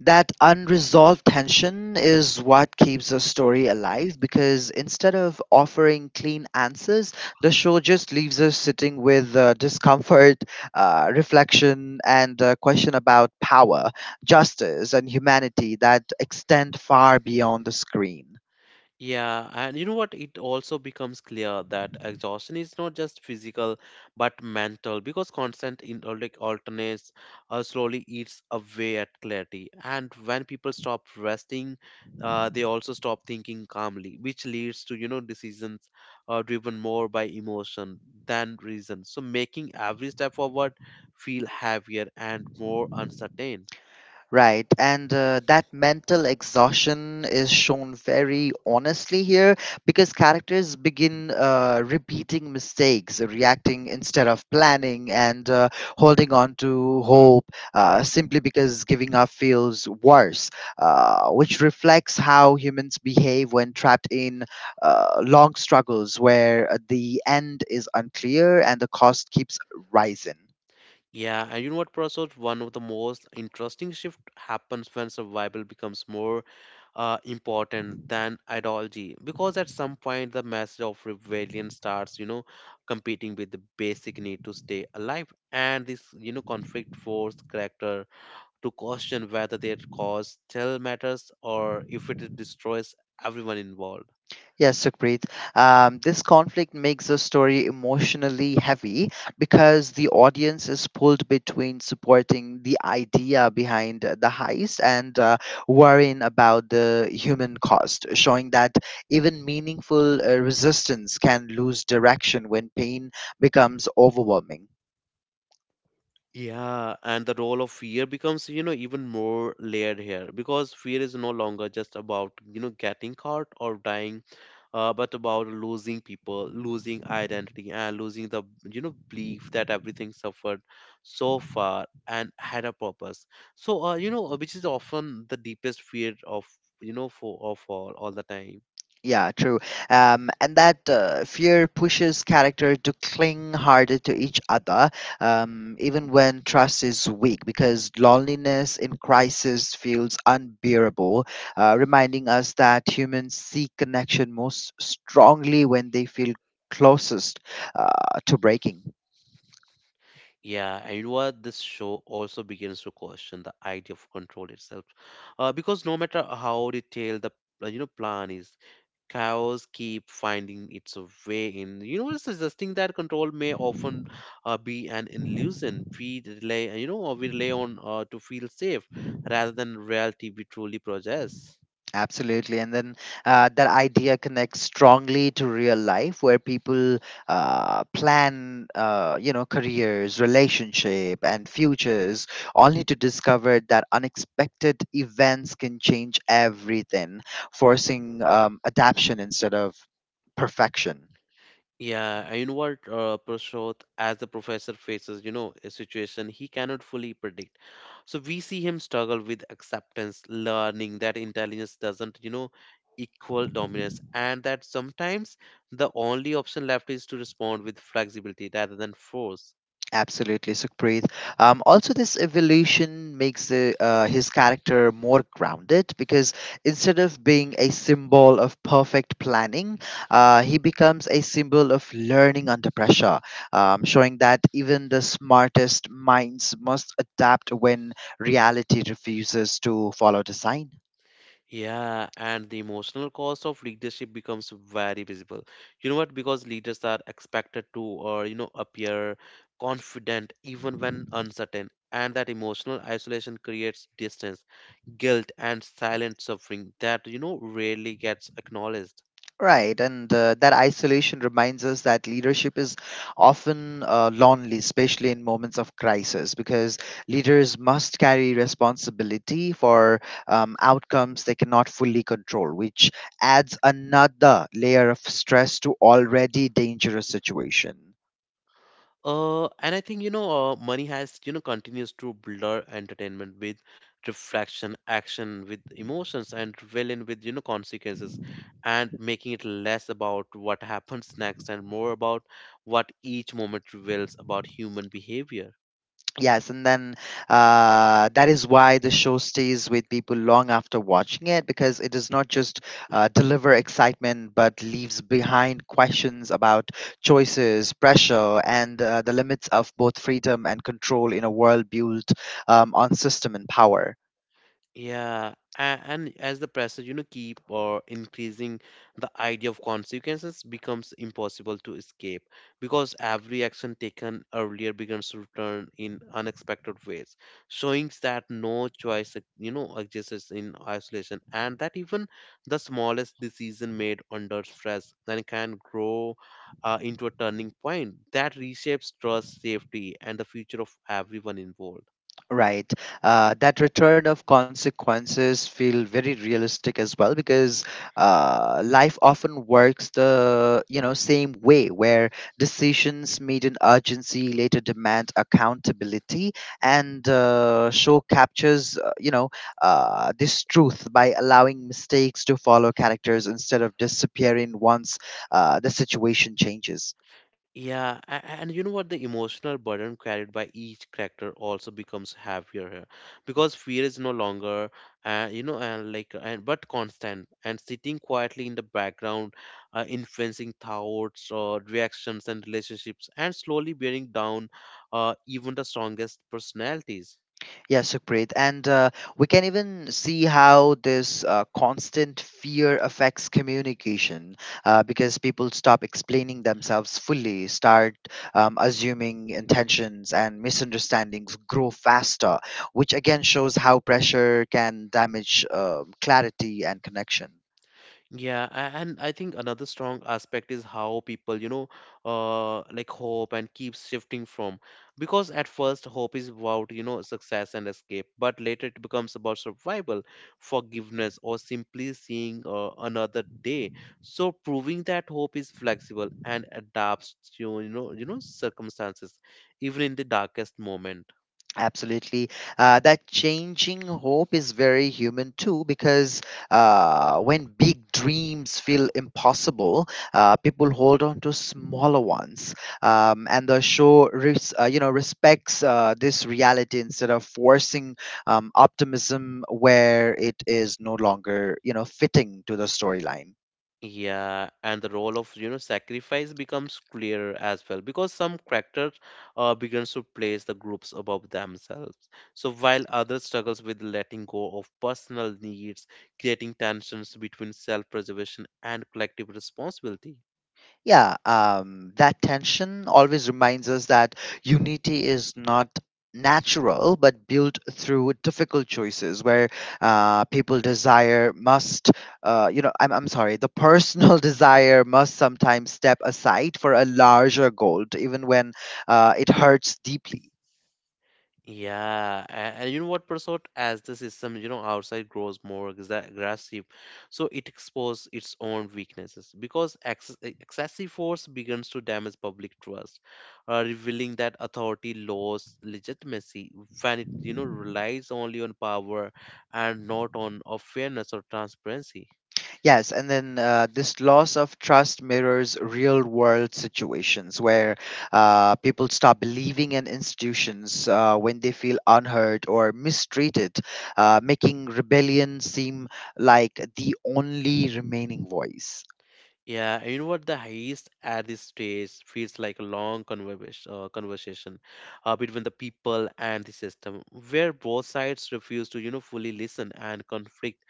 [SPEAKER 2] that unresolved tension is what keeps the story alive because instead of offering clean answers, the show just leaves us sitting with discomfort, reflection, and a question about power, justice, and humanity that extend far beyond the screen.
[SPEAKER 1] Yeah, and you know what? It also becomes clear that exhaustion is not just physical but mental because constant in like alternates slowly eats away at clarity. And when people stop resting, they also stop thinking calmly, which leads to decisions driven more by emotion than reason. So making every step forward feel heavier and more uncertain.
[SPEAKER 2] Right, and that mental exhaustion is shown very honestly here because characters begin repeating mistakes, reacting instead of planning, and holding on to hope simply because giving up feels worse, which reflects how humans behave when trapped in long struggles where the end is unclear and the cost keeps rising.
[SPEAKER 1] Yeah, and you know what, Prasad? One of the most interesting shift happens when survival becomes more important than ideology, because at some point the message of rebellion starts, competing with the basic need to stay alive, and this, conflict forced character to question whether their cause still matters or if it destroys everyone involved.
[SPEAKER 2] Yes, Sukhpreet. This conflict makes the story emotionally heavy because the audience is pulled between supporting the idea behind the heist and worrying about the human cost, showing that even meaningful resistance can lose direction when pain becomes overwhelming.
[SPEAKER 1] Yeah, and the role of fear becomes, even more layered here because fear is no longer just about, getting caught or dying, but about losing people, losing identity, and losing the, belief that everything suffered so far and had a purpose. So, which is often the deepest fear of, for of all the time.
[SPEAKER 2] Yeah, true. And that Fear pushes character to cling harder to each other, even when trust is weak, because loneliness in crisis feels unbearable, reminding us that humans seek connection most strongly when they feel closest uh, to breaking.
[SPEAKER 1] Yeah, and you know what, this show also begins to question the idea of control itself, because no matter how detailed the plan is, chaos keep finding its way in. You know, suggesting that control may often be an illusion. We rely, you know, we rely on to feel safe rather than reality we truly possess.
[SPEAKER 2] Absolutely. And then that idea connects strongly to real life where people plan careers, relationship and futures only to discover that unexpected events can change everything, forcing adaption instead of perfection.
[SPEAKER 1] Yeah, and you know what, Prashant, as the professor faces, a situation he cannot fully predict. So we see him struggle with acceptance, learning that intelligence doesn't, equal dominance, and that sometimes the only option left is to respond with flexibility rather than force.
[SPEAKER 2] Absolutely, Sukhpreet. Also, this evolution makes his character more grounded because instead of being a symbol of perfect planning, he becomes a symbol of learning under pressure, showing that even the smartest minds must adapt when reality refuses to follow the sign.
[SPEAKER 1] Yeah, and the emotional cost of leadership becomes very visible. You know what? Because leaders are expected to, or you know, appear confident even when uncertain, and that emotional isolation creates distance, guilt, and silent suffering that rarely gets acknowledged.
[SPEAKER 2] Right, and that isolation reminds us that leadership is often lonely, especially in moments of crisis, because leaders must carry responsibility for outcomes they cannot fully control, which adds another layer of stress to already dangerous situation.
[SPEAKER 1] And I think you know, money has continues to blur entertainment with reflection, action with emotions, and villain with consequences, and making it less about what happens next and more about what each moment reveals about human behavior.
[SPEAKER 2] Yes, and then that is why the show stays with people long after watching it because it does not just deliver excitement but leaves behind questions about choices, pressure, and the limits of both freedom and control in a world built on system and power.
[SPEAKER 1] Yeah, and as the pressure, keep or increasing, the idea of consequences becomes impossible to escape because every action taken earlier begins to return in unexpected ways, showing that no choice, exists in isolation, and that even the smallest decision made under stress then can grow into a turning point that reshapes trust, safety, and the future of everyone involved.
[SPEAKER 2] Right. That return of consequences feel very realistic as well because life often works the you know same way where decisions made in urgency later demand accountability and show captures this truth by allowing mistakes to follow characters instead of disappearing once the situation changes.
[SPEAKER 1] Yeah, and you know what? The emotional burden carried by each character also becomes heavier here, because fear is no longer, you know, and like, and but constant and sitting quietly in the background, influencing thoughts or reactions and relationships, and slowly bearing down, even the strongest personalities.
[SPEAKER 2] Yeah, Supreet. And We can even see how this constant fear affects communication because people stop explaining themselves fully, start assuming intentions, and misunderstandings grow faster, which again shows how pressure can damage clarity and connection.
[SPEAKER 1] Yeah, and I think another strong aspect is how people, like hope and keep shifting from. Because at first, hope is about, success and escape, but later it becomes about survival, forgiveness, or simply seeing another day. So proving that hope is flexible and adapts to, circumstances, even in the darkest moment.
[SPEAKER 2] Absolutely. That changing hope is very human too, because when big dreams feel impossible, people hold on to smaller ones. And the show, you know, respects this reality instead of forcing optimism where it is no longer, you know, fitting to the storyline.
[SPEAKER 1] Yeah, and the role of sacrifice becomes clearer as well because some characters begins to place the groups above themselves. So while others struggles with letting go of personal needs, creating tensions between self-preservation and collective responsibility.
[SPEAKER 2] Yeah, that tension always reminds us that unity is not natural but built through difficult choices where people desire must you know I'm sorry the personal desire must sometimes step aside for a larger goal even when it hurts deeply.
[SPEAKER 1] Yeah, and, you know what, Prasad? As the system, outside grows more aggressive, so it exposes its own weaknesses because excessive force begins to damage public trust, revealing that authority lost legitimacy when it, relies only on power and not on of fairness or transparency.
[SPEAKER 2] Yes, and then this loss of trust mirrors real world situations where people stop believing in institutions when they feel unheard or mistreated, making rebellion seem like the only remaining voice.
[SPEAKER 1] Yeah, and you know what? The heist at this stage feels like a long conversation, between the people and the system, where both sides refuse to, fully listen, and conflict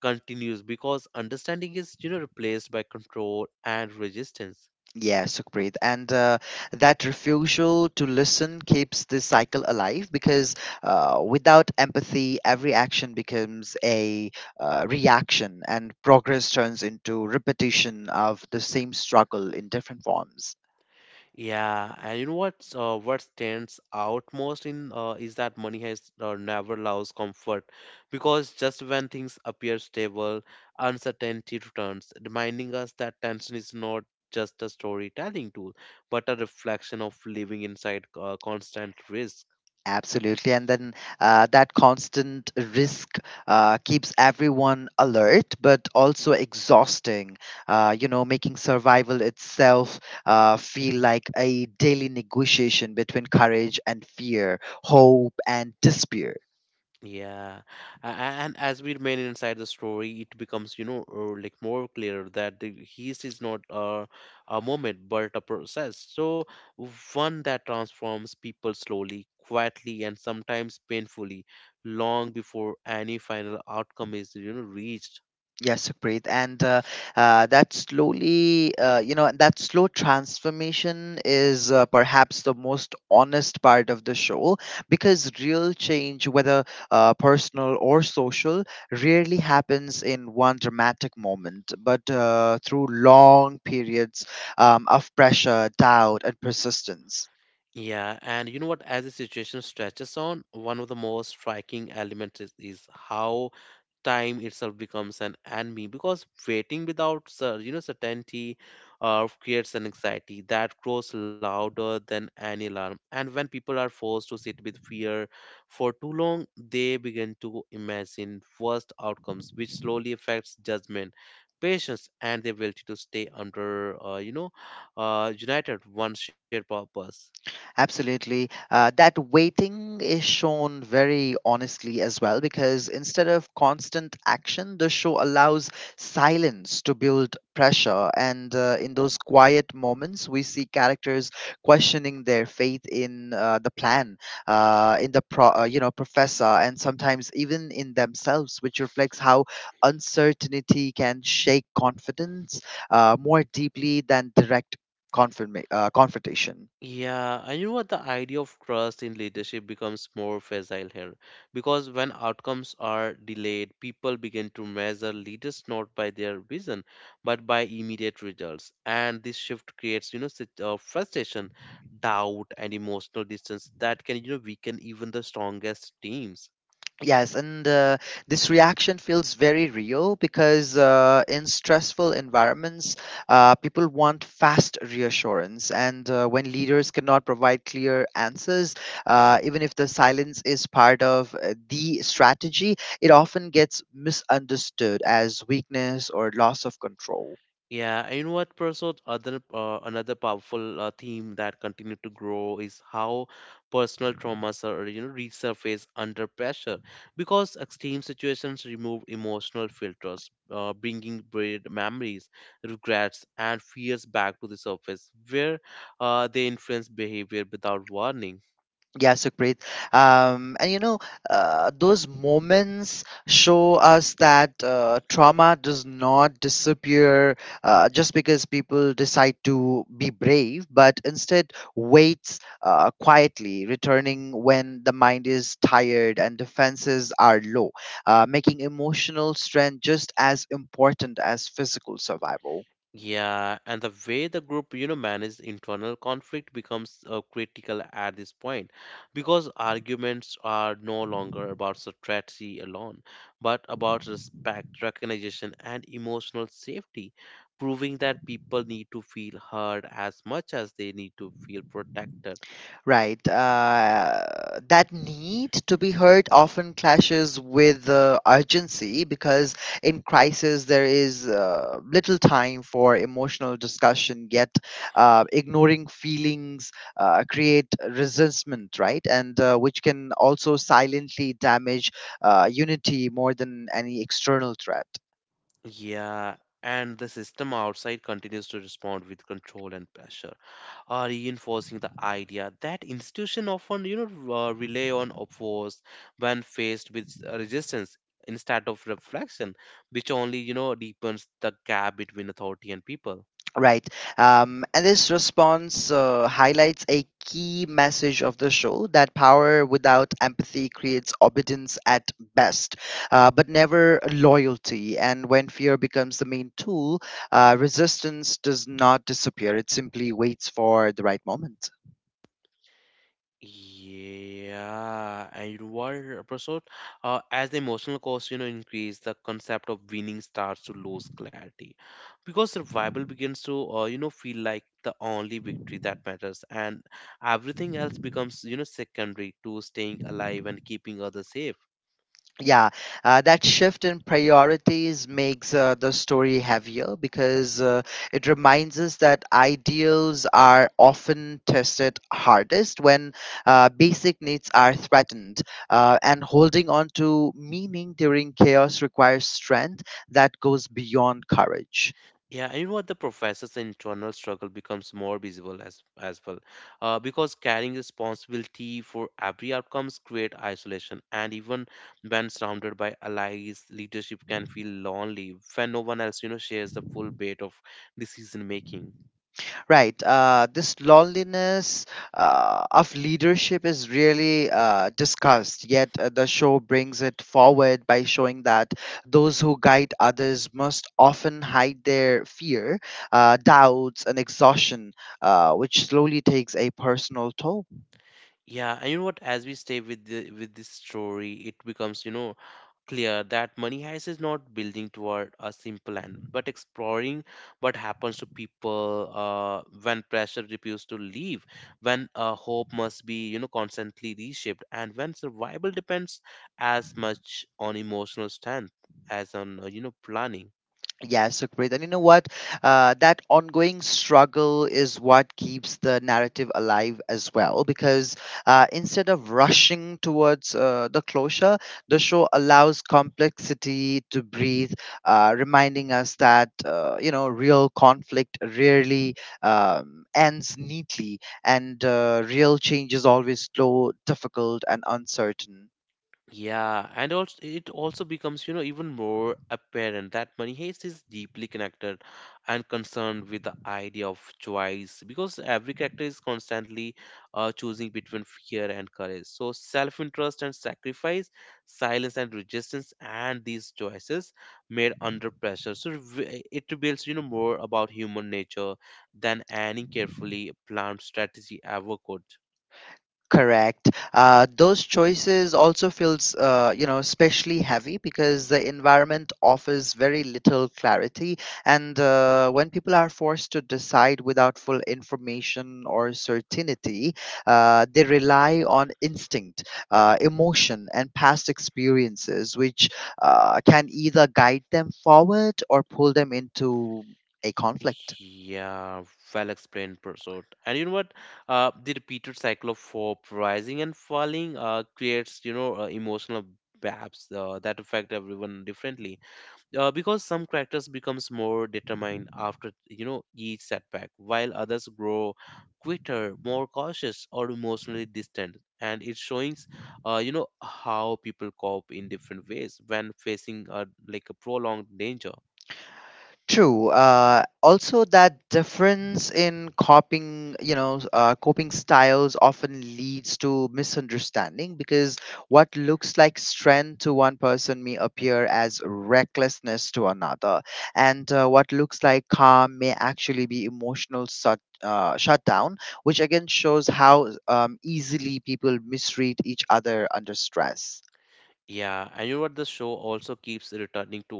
[SPEAKER 1] continues because understanding is, replaced by control and resistance.
[SPEAKER 2] Yeah, Sukhpreet. And That refusal to listen keeps this cycle alive because without empathy, every action becomes a reaction and progress turns into repetition of the same struggle in different forms.
[SPEAKER 1] Yeah, and what stands out most in is that money has never allows comfort, because just when things appear stable, uncertainty returns, reminding us that tension is not just a storytelling tool, but a reflection of living inside constant risk.
[SPEAKER 2] Absolutely. And then that constant risk keeps everyone alert, but also exhausting, you know, making survival itself feel like a daily negotiation between courage and fear, hope and despair.
[SPEAKER 1] Yeah, A- a- and as we remain inside the story, it becomes, like more clear that the heist is not a moment but a process. So, one that transforms people slowly, quietly, and sometimes painfully, long before any final outcome is, reached.
[SPEAKER 2] Yes, Sukrit, and that you know, that slow transformation is perhaps the most honest part of the show because real change, whether personal or social, rarely happens in one dramatic moment, but through long periods of pressure, doubt, and persistence.
[SPEAKER 1] Yeah, and you know what? As the situation stretches on, one of the most striking elements is how time itself becomes an enemy because waiting without certainty creates an anxiety that grows louder than any alarm, and when people are forced to sit with fear for too long, they begin to imagine worst outcomes, which slowly affects judgment, patience, and the ability to stay under, uh, you know united one shared purpose.
[SPEAKER 2] Absolutely. That waiting is shown very honestly as well because instead of constant action, the show allows silence to build pressure. And In those quiet moments, we see characters questioning their faith in the plan, you know, professor, and sometimes even in themselves, which reflects how uncertainty can shake confidence more deeply than direct confrontation.
[SPEAKER 1] Yeah, and you know what? The idea of trust in leadership becomes more fragile here because when outcomes are delayed, people begin to measure leaders not by their vision but by immediate results. And this shift creates, frustration, doubt, and emotional distance that can, weaken even the strongest teams.
[SPEAKER 2] Yes, and this reaction feels very real because in stressful environments, people want fast reassurance. And When leaders cannot provide clear answers, even if the silence is part of the strategy, it often gets misunderstood as weakness or loss of control.
[SPEAKER 1] Yeah, and you know what, Prasad? Other Another powerful theme that continued to grow is how personal traumas are resurface under pressure because extreme situations remove emotional filters, bringing buried memories, regrets, and fears back to the surface, where they influence behavior without warning.
[SPEAKER 2] Yeah, so great. And you know, those moments show us that trauma does not disappear just because people decide to be brave, but instead waits quietly, returning when the mind is tired and defenses are low, making emotional strength just as important as physical survival.
[SPEAKER 1] Yeah, and the way the group, managed internal conflict becomes critical at this point because arguments are no longer about strategy alone, but about respect, recognition, and emotional safety, proving that people need to feel heard as much as they need to feel protected.
[SPEAKER 2] Right. That need to be heard often clashes with urgency because in crisis there is little time for emotional discussion, yet ignoring feelings create resentment, right? And Which can also silently damage unity more than any external threat.
[SPEAKER 1] Yeah, and the system outside continues to respond with control and pressure, reinforcing the idea that institution often, rely on force when faced with resistance instead of reflection, which only, deepens the gap between authority and people.
[SPEAKER 2] Right. And this response highlights a key message of the show that power without empathy creates obedience at best, but never loyalty. And when fear becomes the main tool, resistance does not disappear, it simply waits for the right moment.
[SPEAKER 1] Yeah, and you episode as the emotional cost increase, the concept of winning starts to lose clarity because survival begins to feel like the only victory that matters, and everything else becomes secondary to staying alive and keeping others safe.
[SPEAKER 2] Yeah, that shift in priorities makes the story heavier because it reminds us that ideals are often tested hardest when basic needs are threatened and holding on to meaning during chaos requires strength that goes beyond courage.
[SPEAKER 1] Yeah, and you know what? The professor's internal struggle becomes more visible as well, because carrying responsibility for every outcomes create isolation, and even when surrounded by allies, leadership can feel lonely when no one else, shares the full weight of decision making.
[SPEAKER 2] Right. This loneliness of leadership is really discussed, yet the show brings it forward by showing that those who guide others must often hide their fear, doubts, and exhaustion, which slowly takes a personal toll.
[SPEAKER 1] Yeah, and you know what? As we stay with the with this story, it becomes, clear that money heist is not building toward a simple end, but exploring what happens to people when pressure refuses to leave, when hope must be, constantly reshaped, and when survival depends as much on emotional strength as on, planning.
[SPEAKER 2] Yeah, Sukrit. And you know what? That ongoing struggle is what keeps the narrative alive as well, because instead of rushing towards the closure, the show allows complexity to breathe, reminding us that, you know, real conflict rarely ends neatly, and real change is always slow, difficult, and uncertain.
[SPEAKER 1] Yeah, and also it also becomes, even more apparent that money heist is deeply connected and concerned with the idea of choice because every character is constantly choosing between fear and courage. So self-interest and sacrifice, silence and resistance, and these choices made under pressure. So it reveals, more about human nature than any carefully planned strategy ever could.
[SPEAKER 2] Correct. Those choices also feels, you know, especially heavy because the environment offers very little clarity, and when people are forced to decide without full information or certainty, they rely on instinct, emotion, and past experiences, which can either guide them forward or pull them into a conflict.
[SPEAKER 1] Yeah, well explained, Prasad. And you know what? The repeated cycle of hope, rising and falling, creates emotional baps that affect everyone differently. Because some characters becomes more determined after each setback, while others grow quitter, more cautious, or emotionally distant. And it shows, how people cope in different ways when facing like a prolonged danger.
[SPEAKER 2] True. Also, that difference in coping, coping styles often leads to misunderstanding because what looks like strength to one person may appear as recklessness to another, and what looks like calm may actually be emotional shutdown, which again shows how easily people misread each other under stress.
[SPEAKER 1] Yeah, and you know what? The show also keeps returning to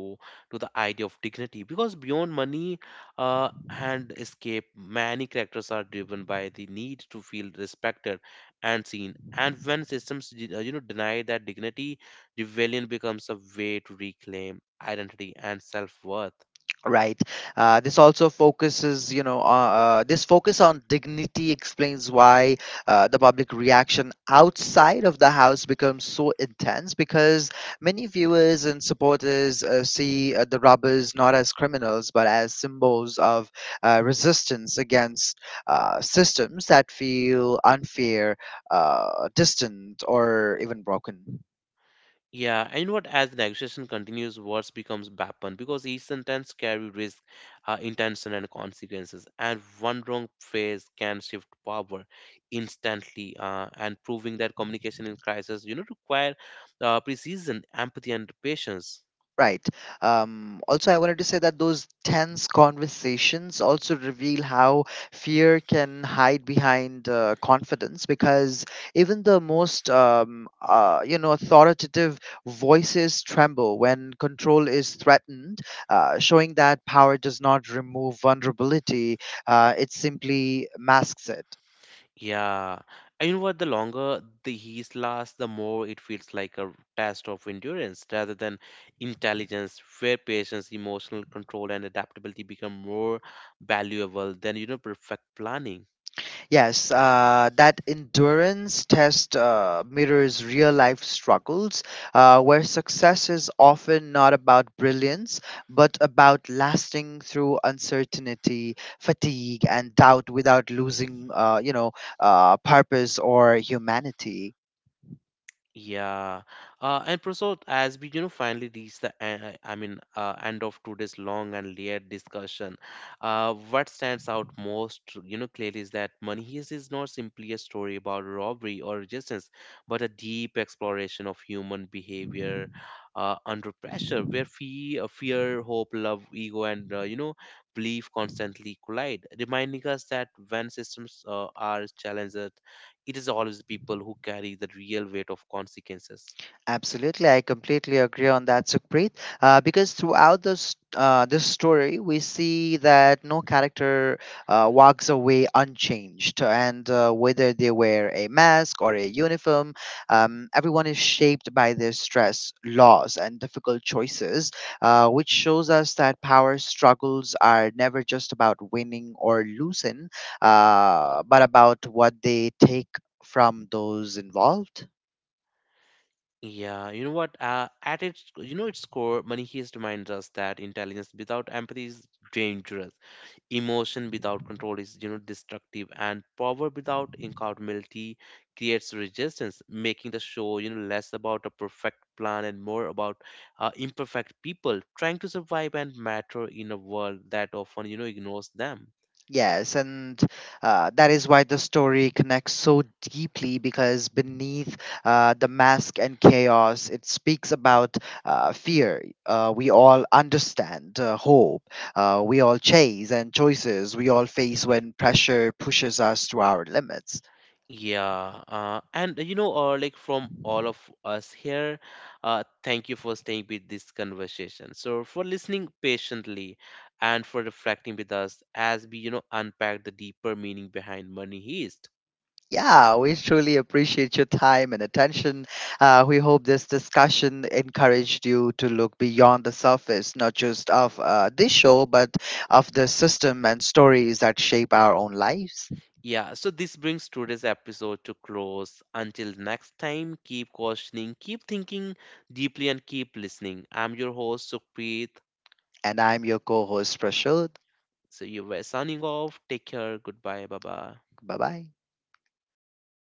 [SPEAKER 1] the idea of dignity because beyond money uh, and escape, many characters are driven by the need to feel respected and seen. And when systems, deny that dignity, rebellion becomes a way to reclaim identity and self-worth.
[SPEAKER 2] Right. This also focuses, you know, This focus on dignity explains why the public reaction outside of the house becomes so intense because many viewers and supporters see the robbers not as criminals but as symbols of resistance against systems that feel unfair, distant, or even broken.
[SPEAKER 1] Yeah, and what as the negotiation continues, words becomes weapon because each sentence carry risk, intention, and consequences. And one wrong phrase can shift power instantly, and proving that communication in crisis, require precision, empathy, and patience.
[SPEAKER 2] Right. Also, I wanted to say that those tense conversations also reveal how fear can hide behind confidence because even the most, you know, authoritative voices tremble when control is threatened, showing that power does not remove vulnerability, it simply masks it.
[SPEAKER 1] Yeah, and you know what? The longer the heat lasts, the more it feels like a test of endurance rather than intelligence, where patience, emotional control, and adaptability become more valuable than perfect planning.
[SPEAKER 2] Yes, that endurance test mirrors real life struggles where success is often not about brilliance, but about lasting through uncertainty, fatigue, and doubt without losing, purpose or humanity.
[SPEAKER 1] Yeah, and Prasad, as we finally reach the end of today's long and layered discussion, what stands out most, clearly is that Money Heist is not simply a story about robbery or resistance, but a deep exploration of human behavior under pressure, where fear, hope, love, ego, and belief constantly collide, reminding us that when systems are challenged, it is always the people who carry the real weight of consequences.
[SPEAKER 2] Absolutely, I completely agree on that, Sukhpreet. Because throughout this story, we see that no character walks away unchanged, and whether they wear a mask or a uniform, everyone is shaped by their stress, loss, and difficult choices, which shows us that power struggles are never just about winning or losing, but about what they take from those involved.
[SPEAKER 1] Yeah, you know what? At its, its core, Money Heist reminds us that intelligence without empathy is dangerous. Emotion without control is, destructive, and power without accountability creates resistance, making the show, less about a perfect plan and more about imperfect people trying to survive and matter in a world that often, ignores them.
[SPEAKER 2] Yes, and that is why the story connects so deeply because beneath the mask and chaos, it speaks about fear. We all understand hope. We all chase and choices we all face when pressure pushes us to our limits.
[SPEAKER 1] Yeah, and you know, like from all of us here, thank you for staying with this conversation. So, for listening patiently and for reflecting with us as we, unpack the deeper meaning behind Money Heist.
[SPEAKER 2] Yeah, we truly appreciate your time and attention. We hope this discussion encouraged you to look beyond the surface, not just of this show, but of the system and stories that shape our own lives.
[SPEAKER 1] Yeah, so this brings today's episode to close. Until next time, keep questioning, keep thinking deeply, and keep listening. I'm your host, Sukhpreet.
[SPEAKER 2] And I'm your co host, Prashod.
[SPEAKER 1] So, you were signing off. Take care. Goodbye. Bye bye.
[SPEAKER 2] Bye bye.